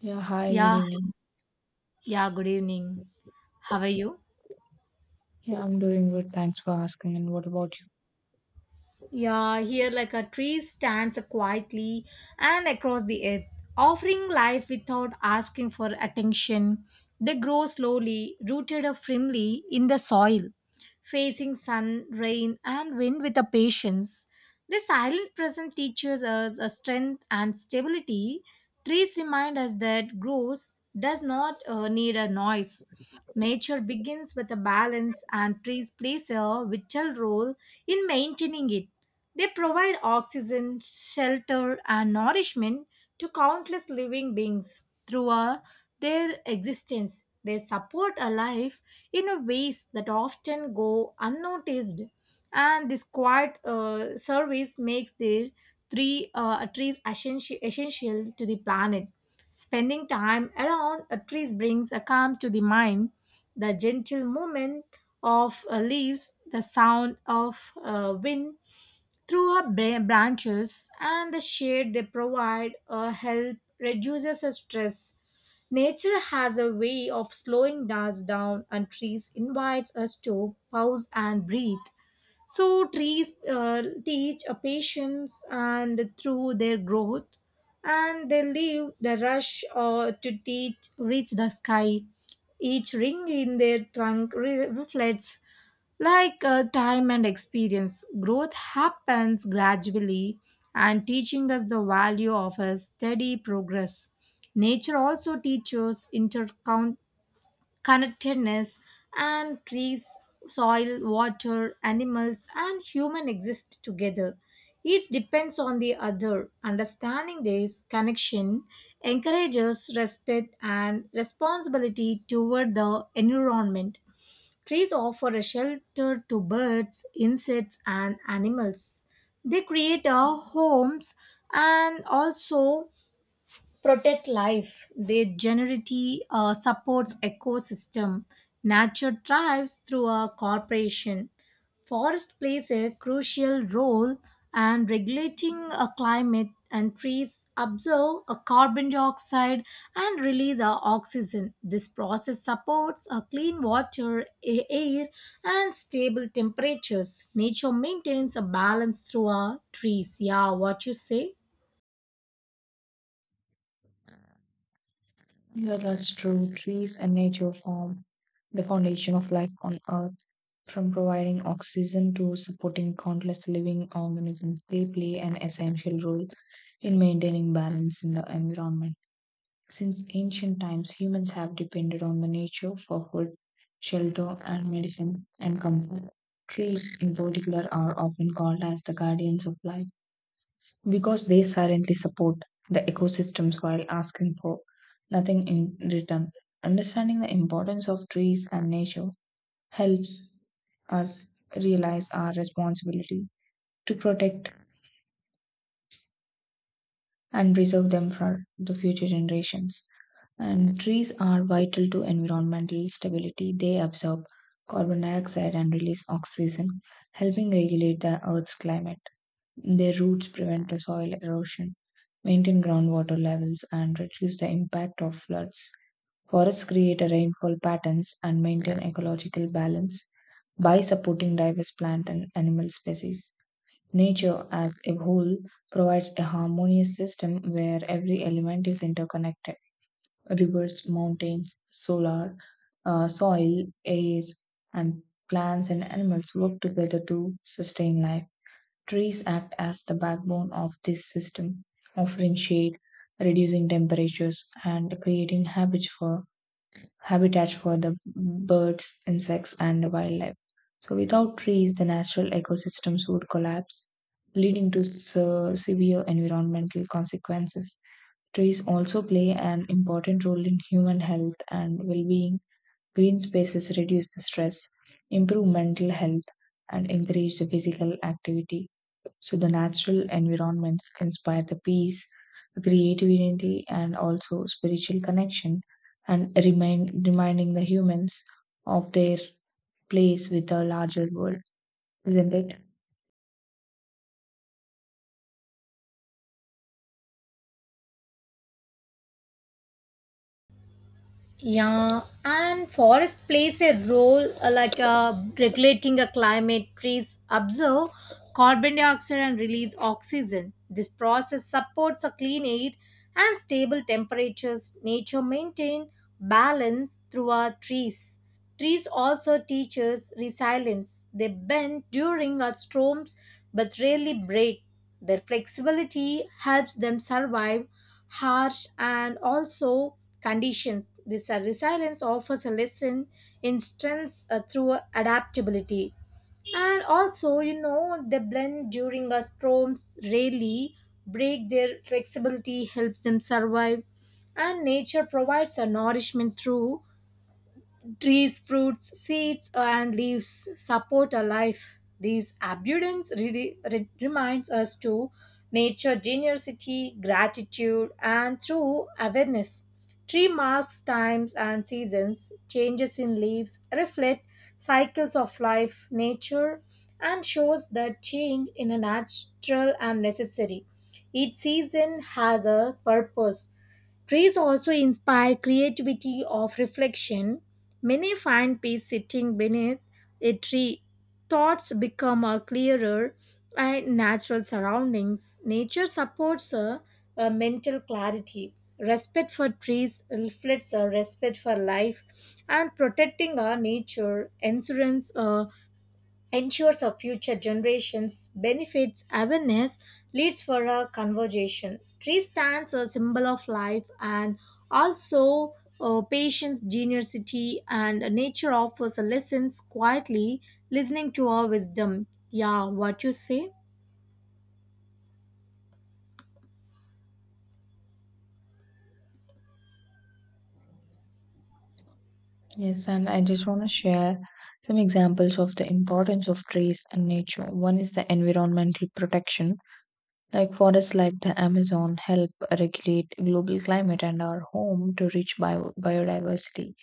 Yeah, hi, good Yeah, evening. yeah, good evening. How are you? Yeah, I'm doing good. Thanks for asking. And what about you? Yeah, here like a tree stands quietly and across the earth, offering life without asking for attention. They grow slowly, rooted firmly in the soil, facing sun, rain, and wind with a patience. The silent present teaches us a strength and stability. Trees remind us that growth does not need a noise. Nature begins with a balance, and trees plays a vital role in maintaining it. They provide oxygen, shelter, and nourishment to countless living beings throughout their existence. They support a life in a ways that often go unnoticed, and this quiet service makes their three trees essential, essential to the planet. Spending time around a tree brings a calm to the mind. The gentle movement of leaves, the sound of wind, through branches and the shade they provide help reduces the stress. Nature has a way of slowing us down, and trees invites us to pause and breathe. So trees teach a patience and through their growth, and they leave the rush to teach reach the sky. Each ring in their trunk reflects like time and experience. Growth happens gradually and teaching us the value of a steady progress. Nature also teaches interconnectedness, and trees, soil, water, animals, and human exist together. Each depends on the other. Understanding this connection encourages respect and responsibility toward the environment. Trees offer a shelter to birds, insects, and animals. They create our homes and also protect life. Their generity supports ecosystem. Nature thrives through a cooperation. Forest plays a crucial role and regulating a climate, and trees absorb a carbon dioxide and release a oxygen. This process supports a clean water, air and stable temperatures. Nature maintains a balance through our trees. Yeah, what you say? Yeah, that's true. Trees and nature form the foundation of life on Earth. From providing oxygen to supporting countless living organisms, they play an essential role in maintaining balance in the environment. Since ancient times, humans have depended on the nature for food, shelter, and medicine and comfort. Trees, in particular, are often called as the guardians of life because they silently support the ecosystems while asking for nothing in return. Understanding the importance of trees and nature helps us realize our responsibility to protect and preserve them for the future generations. And trees are vital to environmental stability. They absorb carbon dioxide and release oxygen, helping regulate the Earth's climate. Their roots prevent the soil erosion, maintain groundwater levels, and reduce the impact of floods. Forests create a rainfall patterns and maintain ecological balance by supporting diverse plant and animal species. Nature as a whole provides a harmonious system where every element is interconnected. Rivers, mountains, solar, soil, air, and plants and animals work together to sustain life. Trees act as the backbone of this system, offering shade, reducing temperatures, and creating habits for habitats for the birds, insects, and the wildlife. So, without trees, the natural ecosystems would collapse, leading to severe environmental consequences. Trees also play an important role in human health and well being. Green spaces reduce the stress, improve mental health, and encourage the physical activity. So the natural environments inspire the peace, creativity, and also spiritual connection, and reminding the humans of their place with the larger world, isn't it? Yeah, and forest plays a role regulating a climate. Trees absorb carbon dioxide and release oxygen. This process supports a clean air and stable temperatures. Nature maintain balance through our trees. Trees also teach us resilience. They bend during our storms but rarely break. Their flexibility helps them survive harsh and also conditions. This resilience offers a lesson in strength through adaptability. And also, you know, they blend during a storms rarely break their flexibility, helps them survive. And nature provides a nourishment through trees. Fruits, seeds, and leaves support our life. These abundance reminds us to nature generosity, gratitude, and through awareness. Tree marks times and seasons, changes in leaves reflect cycles of life, nature, and shows that change in a natural and necessary. Each season has a purpose. Trees also inspire creativity of reflection. Many find peace sitting beneath a tree. Thoughts become a clearer and natural surroundings. Nature supports a mental clarity. Respect for trees reflects a respect for life, and protecting our nature, ensures our future generations benefits. Awareness leads for a conversation. Tree stands a symbol of life, and also patience generosity, and nature offers a lessons quietly listening to our wisdom. Yeah, what you say? Yes, and I just want to share some examples of the importance of trees and nature. One is the environmental protection. Like forests like the Amazon help regulate global climate and are home to rich biodiversity.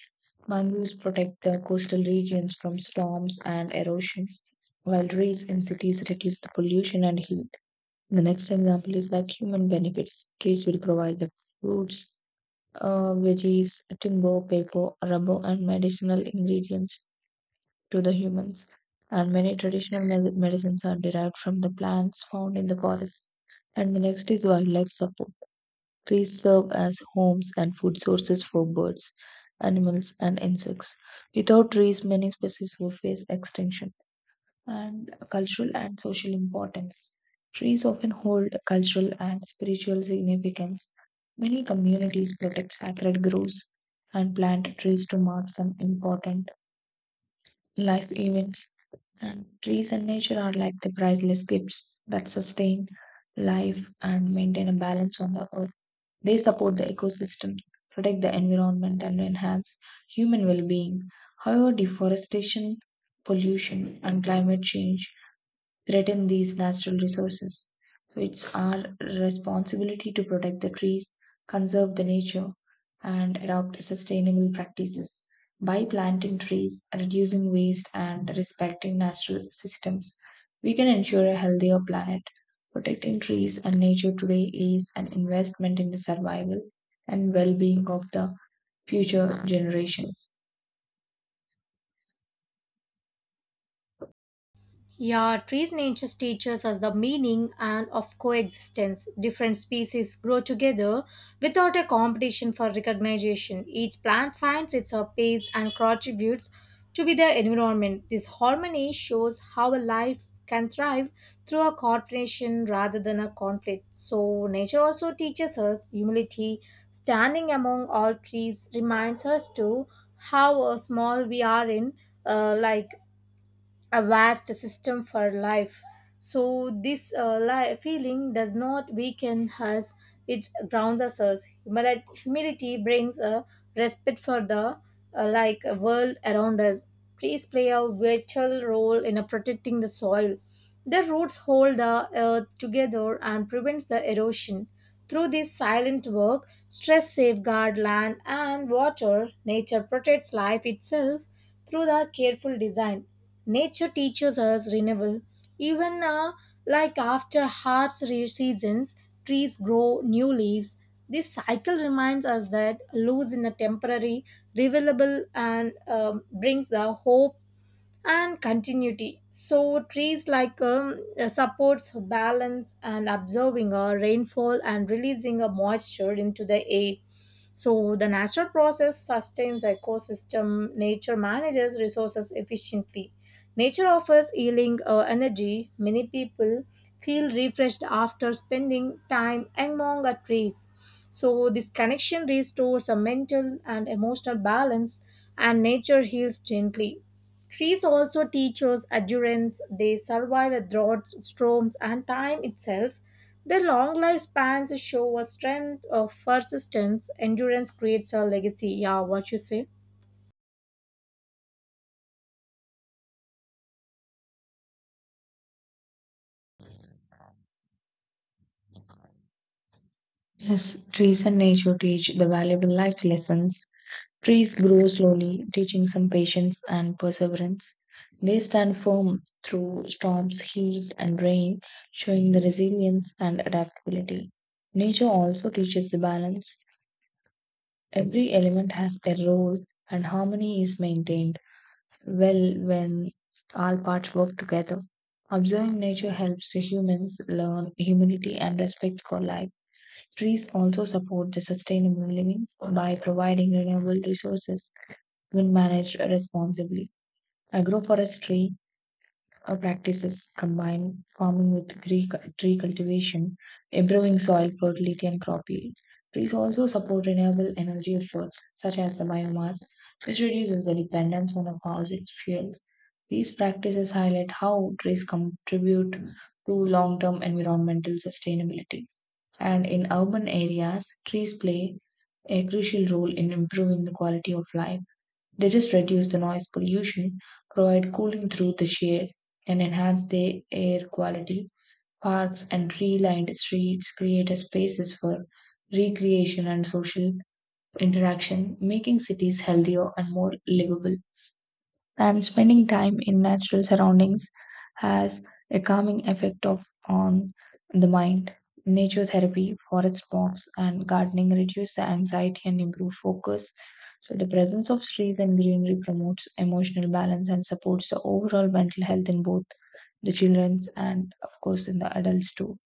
Mangroves protect the coastal regions from storms and erosion, while trees in cities reduce the pollution and heat. The next example is like human benefits. Trees will provide the fruits, veggies, timber, paper, rubber, and medicinal ingredients to the humans. And many traditional medicines are derived from the plants found in the forests. And the next is wildlife support. Trees serve as homes and food sources for birds, animals, and insects. Without trees, many species will face extinction. And cultural and social importance. Trees often hold cultural and spiritual significance. Many communities protect sacred groves and plant trees to mark some important life events. And trees and nature are like the priceless gifts that sustain life and maintain a balance on the earth. They support the ecosystems, protect the environment, and enhance human well being. However, deforestation, pollution, and climate change threaten these natural resources. So it's our responsibility to protect the trees, conserve the nature, and adopt sustainable practices. By planting trees, reducing waste, and respecting natural systems, we can ensure a healthier planet. Protecting trees and nature today is an investment in the survival and well being of the future generations. Yeah, trees nature teaches us the meaning and of coexistence. Different species grow together without a competition for recognition. Each plant finds its own place and contributes to be the environment. This harmony shows how a life can thrive through a cooperation rather than a conflict. So nature also teaches us humility. Standing among all trees reminds us to how small we are in uh, like a vast system for life. So this feeling does not weaken us; it grounds us. Humility brings a respect for the world around us. Trees play a vital role in protecting the soil. Their roots hold the earth together and prevents the erosion. Through this silent work, stress safeguard land and water. Nature protects life itself through the careful design. Nature teaches us renewal. Even like after harsh seasons, trees grow new leaves. This cycle reminds us that loss in a temporary, revelable, and brings the hope and continuity. So trees like supports balance and absorbing a rainfall and releasing a moisture into the air. So the natural process sustains ecosystem. Nature manages resources efficiently. Nature offers healing energy. Many people feel refreshed after spending time among our trees. So, this connection restores a mental and emotional balance, and nature heals gently. Trees also teach us endurance. They survive the droughts, storms, and time itself. Their long lifespans show a strength of persistence. Endurance creates a legacy. Yeah, what you say? Yes, trees and nature teach the valuable life lessons. Trees grow slowly, teaching some patience and perseverance. They stand firm through storms, heat, and rain, showing the resilience and adaptability. Nature also teaches the balance. Every element has a role, and harmony is maintained well when all parts work together. Observing nature helps humans learn humility and respect for life. Trees also support the sustainable living by providing renewable resources when managed responsibly. Agroforestry practices combine farming with tree cultivation, improving soil fertility and crop yield. Trees also support renewable energy efforts, such as the biomass, which reduces the dependence on the fossil fuels. These practices highlight how trees contribute to long term environmental sustainability. And in urban areas, trees play a crucial role in improving the quality of life. They just reduce the noise pollution, provide cooling through the shade, and enhance the air quality. Parks and tree-lined streets create a spaces for recreation and social interaction, making cities healthier and more livable, and spending time in natural surroundings has a calming effect of on the mind. Nature therapy, forest walks, and gardening reduce the anxiety and improve focus. So the presence of trees and greenery promotes emotional balance and supports the overall mental health in both the children's and of course in the adults too.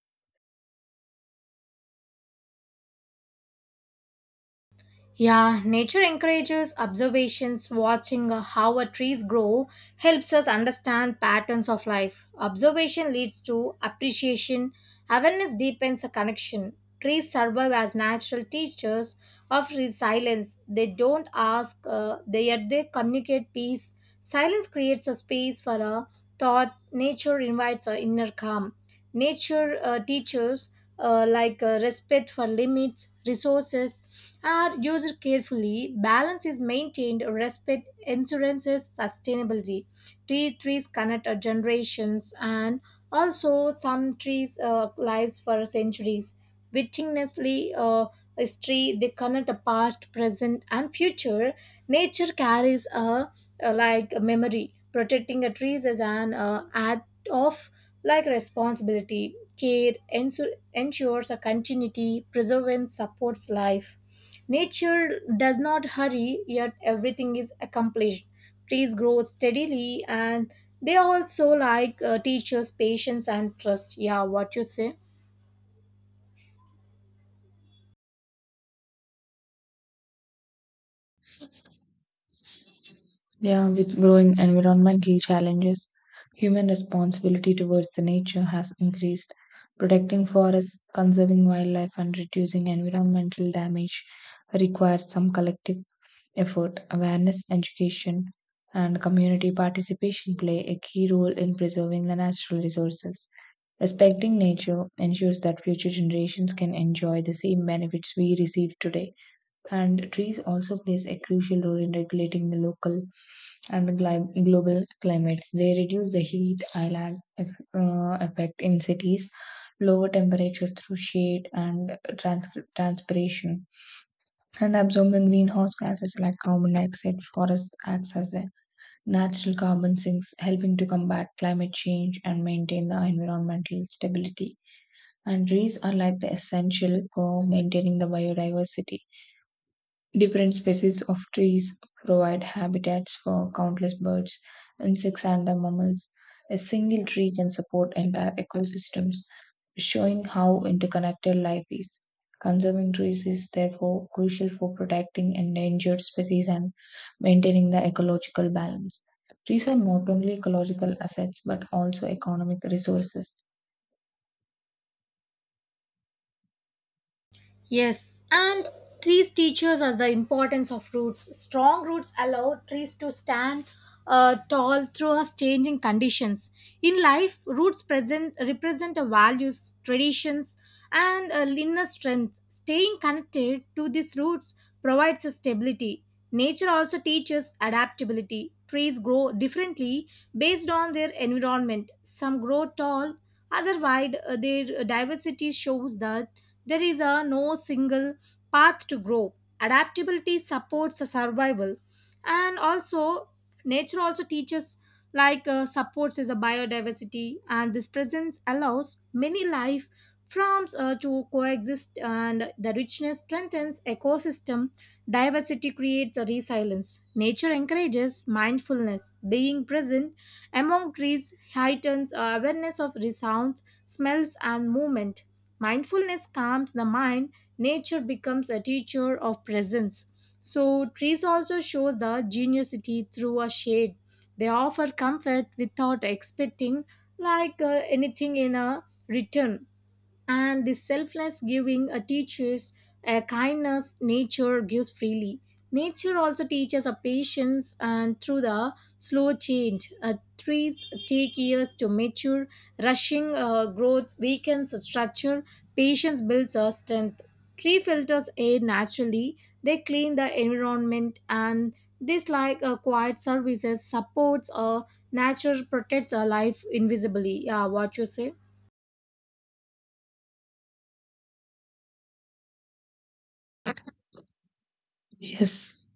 Yeah, nature encourages observations. Watching how a trees grow helps us understand patterns of life. Observation leads to appreciation. Awareness deepens a connection. Trees serve as natural teachers of silence. They don't ask, they yet they communicate peace. Silence creates a space for a thought. Nature invites a inner calm. Nature teaches respect for limits. Resources are used carefully. Balance is maintained. Respect insurances sustainability. Trees connect our generations, and also some trees lives for centuries. Witnessly, history they connect a past, present, and future. Nature carries a like a memory. Protecting the trees is an act of like responsibility. Ensures a continuity, preservance supports life. Nature does not hurry, yet everything is accomplished. Trees grow steadily, and they also like teachers patience and trust. Yeah, what you say? Yeah, with growing environmental challenges, human responsibility towards the nature has increased. Protecting forests, conserving wildlife, and reducing environmental damage requires some collective effort. Awareness, education, and community participation play a key role in preserving the natural resources. Respecting nature ensures that future generations can enjoy the same benefits we receive today, and trees also plays a crucial role in regulating the local and global climates. They reduce the heat island effect in cities, lower temperatures through shade and transpiration, and absorb the greenhouse gases like carbon dioxide. Forests acts as a natural carbon sinks, helping to combat climate change and maintain the environmental stability. And trees are like the essential for maintaining the biodiversity. Different species of trees provide habitats for countless birds, insects, and the mammals. A single tree can support entire ecosystems, showing how interconnected life is. Conserving trees is therefore crucial for protecting endangered species and maintaining the ecological balance. Trees are not only ecological assets but also economic resources. Yes, and trees teaches us the importance of roots. Strong roots allow trees to stand tall through us changing conditions. In life, roots present represent the values, traditions, and inner strength. Staying connected to these roots provides us stability. Nature also teaches adaptability. Trees grow differently based on their environment. Some grow tall, other wide. Their diversity shows that there is a no single path to grow. Adaptability supports a survival, and also nature also teaches like supports is a biodiversity, and this presence allows many life forms to coexist, and the richness strengthens ecosystem. Diversity creates a resilience. Nature encourages mindfulness. Being present among trees heightens awareness of sounds, smells, and movement. Mindfulness calms the mind, nature becomes a teacher of presence. So trees also shows the generosity through a shade. They offer comfort without expecting like anything in a return, and the selfless giving teaches a kindness. Nature gives freely. Nature also teaches a patience and through the slow change, trees take years to mature. Rushing growth weakens a structure. Patience builds a strength. Tree filters air naturally. They clean the environment, and this like a quiet services supports a nature. Protects a life invisibly. Yeah, what you say? Yes,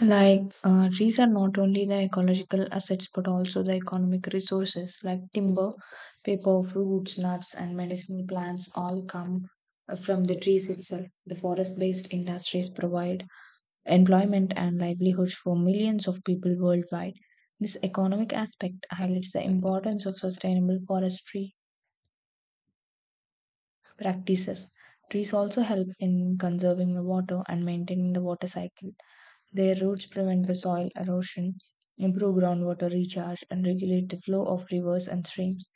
trees are not only the ecological assets but also the economic resources like timber, paper, fruits, nuts, and medicinal plants all come from the trees itself. The forest based industries provide employment and livelihoods for millions of people worldwide. This economic aspect highlights the importance of sustainable forestry practices. Trees also help in conserving the water and maintaining the water cycle. Their roots prevent the soil erosion, improve groundwater recharge, and regulate the flow of rivers and streams.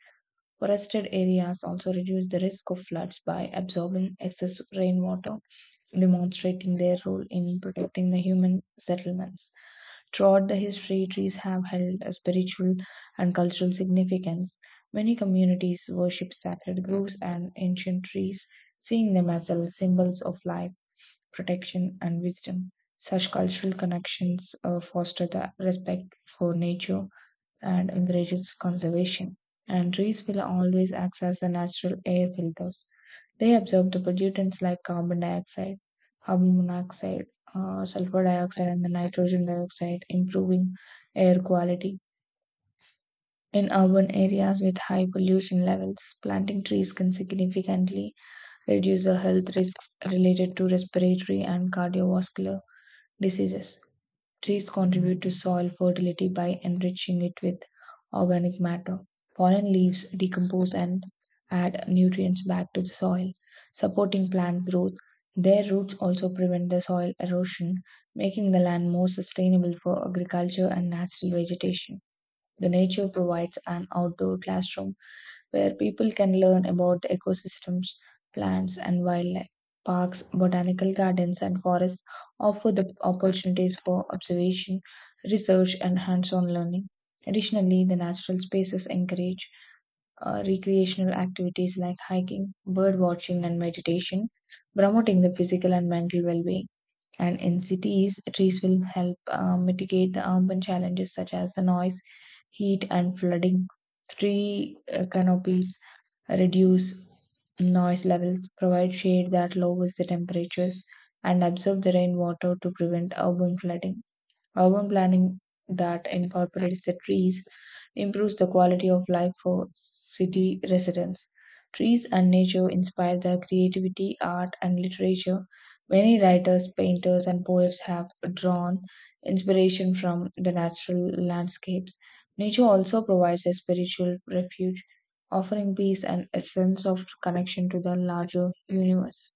Forested areas also reduce the risk of floods by absorbing excess rainwater, demonstrating their role in protecting the human settlements. Throughout the history, trees have held a spiritual and cultural significance. Many communities worship sacred groves and ancient trees, seeing them as symbols of life, protection, and wisdom. Such cultural connections foster the respect for nature and encourage its conservation. And trees will always act as the natural air filters. They absorb the pollutants like carbon dioxide, carbon monoxide, sulfur dioxide, and the nitrogen dioxide, improving air quality. In urban areas with high pollution levels, planting trees can significantly reduce the health risks related to respiratory and cardiovascular diseases. Trees contribute to soil fertility by enriching it with organic matter. Fallen leaves decompose and add nutrients back to the soil, supporting plant growth. Their roots also prevent the soil erosion, making the land more sustainable for agriculture and natural vegetation. The nature provides an outdoor classroom where people can learn about ecosystems, plants, and wildlife. Parks, botanical gardens, and forests offer the opportunities for observation, research, and hands on learning. Additionally, the natural spaces encourage recreational activities like hiking, bird watching, and meditation, promoting the physical and mental well being. And in cities, trees will help mitigate the urban challenges such as the noise, heat, and flooding. Tree canopies reduce noise levels, provide shade that lowers the temperatures, and absorb the rainwater to prevent urban flooding. Urban planning that incorporates the trees improves the quality of life for city residents. Trees and nature inspire their creativity, art, and literature. Many writers, painters, and poets have drawn inspiration from the natural landscapes. Nature also provides a spiritual refuge, offering peace and a sense of connection to the larger universe.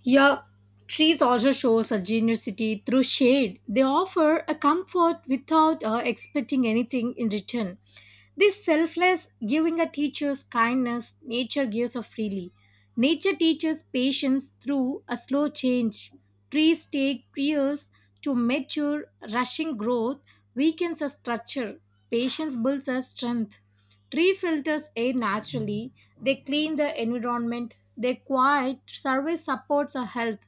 Yeah, trees also shows a generosity through shade. They offer a comfort without expecting anything in return. This selfless giving a teacher's kindness, nature gives of freely. Nature teaches patience through a slow change. Trees take years to mature, rushing growth weakens a structure. Patience builds a strength. Tree filters air naturally. They clean the environment, their quiet service supports our health.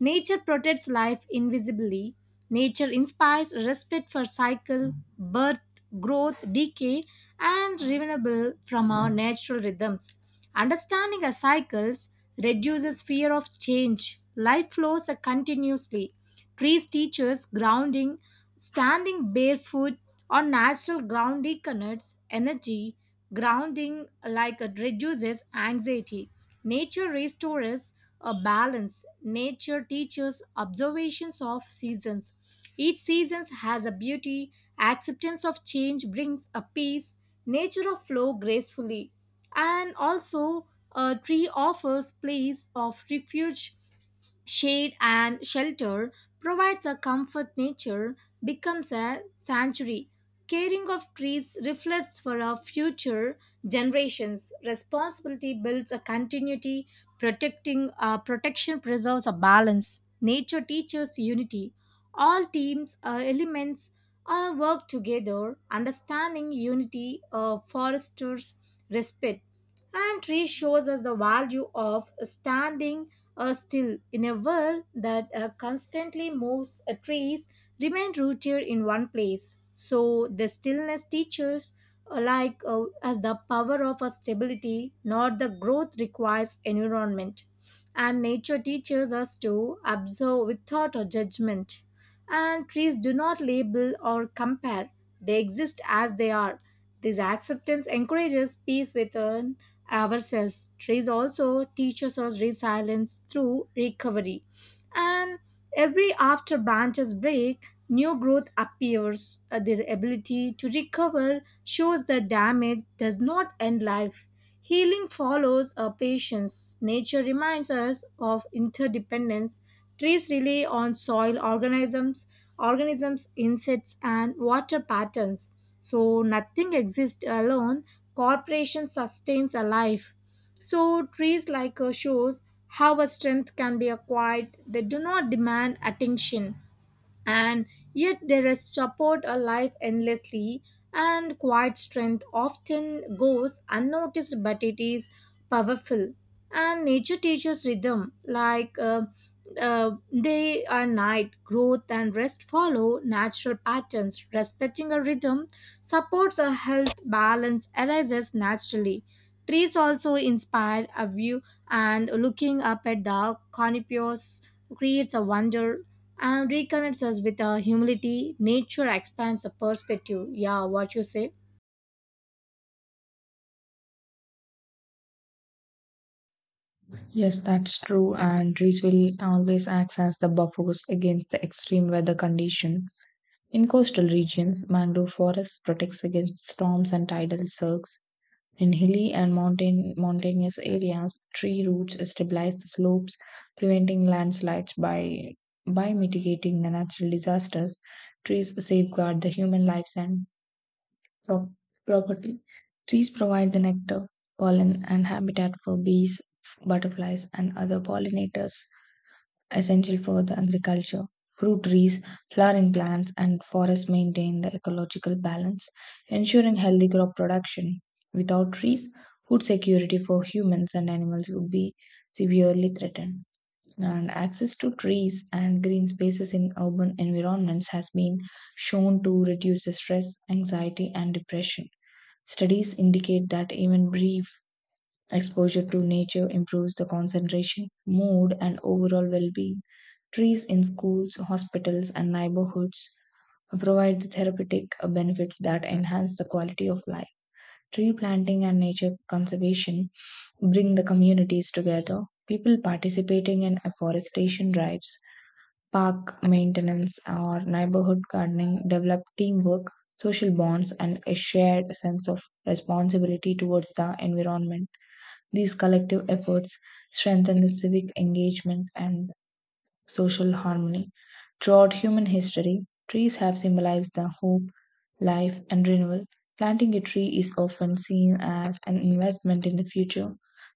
Nature protects life invisibly. Nature inspires respect for cycle, birth, growth, decay, and renewable from our natural rhythms. Understanding our cycles reduces fear of change. Life flows continuously. Trees teach us grounding, standing barefoot on natural ground reconnects energy. Grounding like it reduces anxiety. Nature restores a balance. Nature teaches observations of seasons. Each season has a beauty. Acceptance of change brings a peace. Nature of flow gracefully. And also, a tree offers place of refuge. Shade and shelter provides a comfort. Nature becomes a sanctuary. Caring of trees reflects for our future generations. Responsibility builds a continuity, protecting protection preserves a balance. Nature teaches unity. All teams elements work together. Understanding unity fosters respect, and tree shows us the value of standing still in a world that constantly moves. Trees remain rooted in one place, so the stillness teaches as the power of a stability, not the growth requires environment. And nature teaches us to observe without a judgment, and trees do not label or compare. They exist as they are. This acceptance encourages peace within ourselves. Trees also teaches us resilience through recovery. And every after branches break, new growth appears. Their ability to recover shows that damage does not end life. Healing follows a patience. Nature reminds us of interdependence. Trees rely on organisms, insects, and water patterns. So nothing exists alone. Cooperation sustains a life. So trees like shows how a strength can be acquired. They do not demand attention, and yet there is support alive endlessly. And quiet strength often goes unnoticed, but it is powerful. And nature teaches rhythm like uh, day and night. Growth and rest follow natural patterns. Respecting a rhythm supports a health. Balance arises naturally. Trees also inspire a view, and looking up at the conifers creates a wonder and reconnects us with our humility. Nature expands our perspective. Yeah, what you say? Yes, that's true. And trees will always act as the buffers against the extreme weather conditions. In coastal regions, mangrove forests protects against storms and tidal surges. In hilly and mountainous areas, tree roots stabilize the slopes, preventing landslides by mitigating the natural disasters. Trees safeguard the human lives and pro- property. Trees provide the nectar, pollen, and habitat for bees, butterflies, and other pollinators, essential for the agriculture. Fruit trees, flowering plants, and forests maintain the ecological balance, ensuring healthy crop production. Without trees, food security for humans and animals would be severely threatened. And access to trees and green spaces in urban environments has been shown to reduce the stress, anxiety, and depression. Studies indicate that even brief exposure to nature improves the concentration, mood, and overall well being. Trees in schools, hospitals, and neighborhoods provide the therapeutic benefits that enhance the quality of life. Tree planting and nature conservation bring the communities together. People participating in afforestation drives, park maintenance, or neighborhood gardening develop teamwork, social bonds, and a shared sense of responsibility towards the environment. These collective efforts strengthen the civic engagement and social harmony. Throughout human history, trees have symbolized the hope, life, and renewal. Planting a tree is often seen as an investment in the future,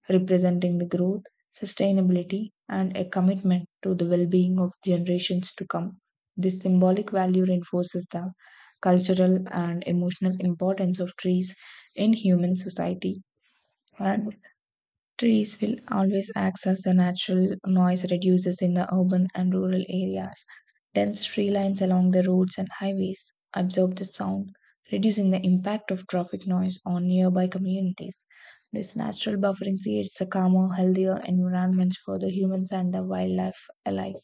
representing the growth, sustainability, and a commitment to the well being of generations to come. This symbolic value reinforces the cultural and emotional importance of trees in human society. And trees will always act as the natural noise reducers in the urban and rural areas. Dense tree lines along the roads and highways absorb the sound, reducing the impact of traffic noise on nearby communities. This natural buffering creates a calmer, healthier environment for the humans and the wildlife alike.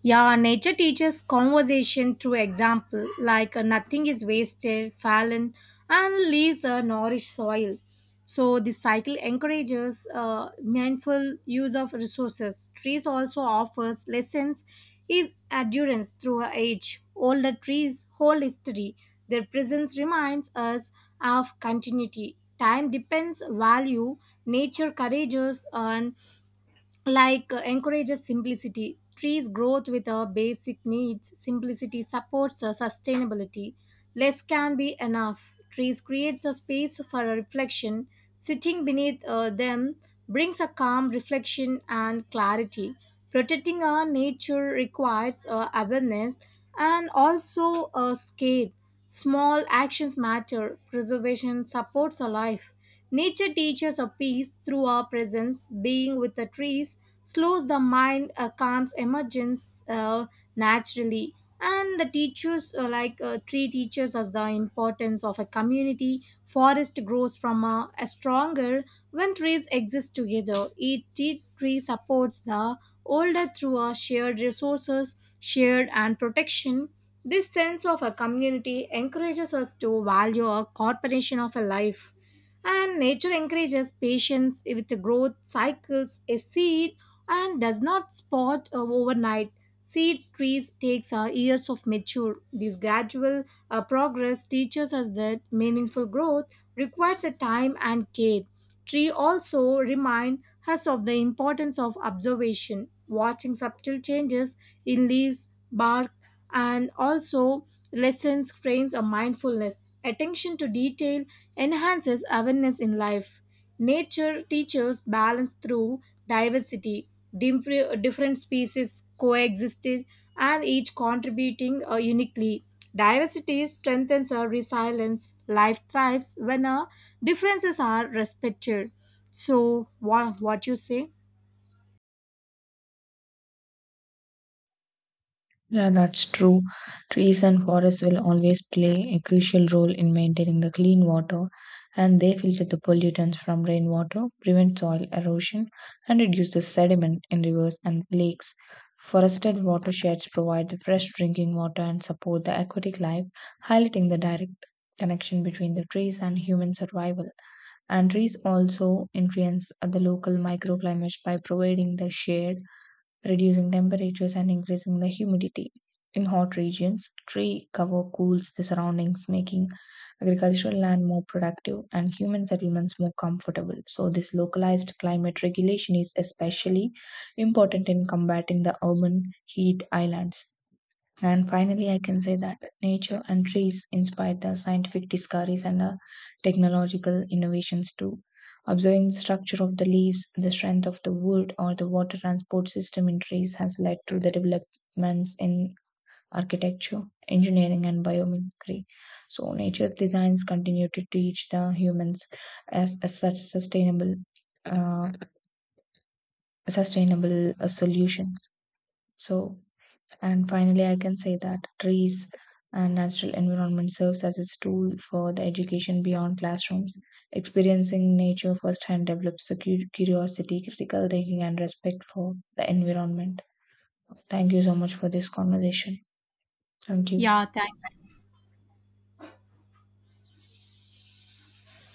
Yeah, nature teaches conversation through example, like nothing is wasted, fallen, and leaves a nourished soil. So, this cycle encourages mindful use of resources. Trees also offers lessons is endurance through age. Older trees hold history. Their presence reminds us of continuity. Time depends value. Nature courageous and like encourages simplicity. Trees growth with our basic needs. Simplicity supports sustainability. Less can be enough. Trees creates a space for a reflection. Sitting beneath them brings a calm reflection and clarity. Protecting our nature requires awareness, and also a scale. Small actions matter. Preservation supports our life. Nature teaches a peace through our presence. Being with the trees slows the mind, calms emergence naturally. And the teachers, tree teaches us the importance of a community. Forest grows from a stronger when trees exist together, each tree supports the older through a shared and protection. This sense of a community encourages us to value a corporation of a life. And nature encourages patience with the growth cycles. A seed and does not spot overnight. Seeds trees takes years of mature. This gradual progress teaches us that meaningful growth requires a time and care. Tree also remind us of the importance of observation, watching subtle changes in leaves, bark, and also lessons trains a mindfulness. Attention to detail enhances awareness in life. Nature teaches balance through diversity. Different species coexisted and each contributing uniquely. Diversity strengthens our resilience. Life thrives when our differences are respected. So, what you say? Yeah, that's true. Trees and forests will always play a crucial role in maintaining the clean water, and they filter the pollutants from rainwater, prevent soil erosion, and reduce the sediment in rivers and lakes. Forested watersheds provide the fresh drinking water and support the aquatic life, highlighting the direct connection between the trees and human survival. And trees also influence the local microclimates by providing the shade, reducing temperatures and increasing the humidity. In hot regions, tree cover cools the surroundings, making agricultural land more productive and human settlements more comfortable. So, this localized climate regulation is especially important in combating the urban heat islands. And finally, I can say that nature and trees inspired the scientific discoveries and the technological innovations too. Observing the structure of the leaves, the strength of the wood, or the water transport system in trees has led to the developments in architecture, engineering, and biomimicry. So, nature's designs continue to teach the humans as such uh, sustainable solutions. So, and finally, I can say that trees and natural environment serves as a tool for the education beyond classrooms. Experiencing nature firsthand develops the curiosity, critical thinking, and respect for the environment. Thank you so much for this conversation. Thank you. Yeah, thank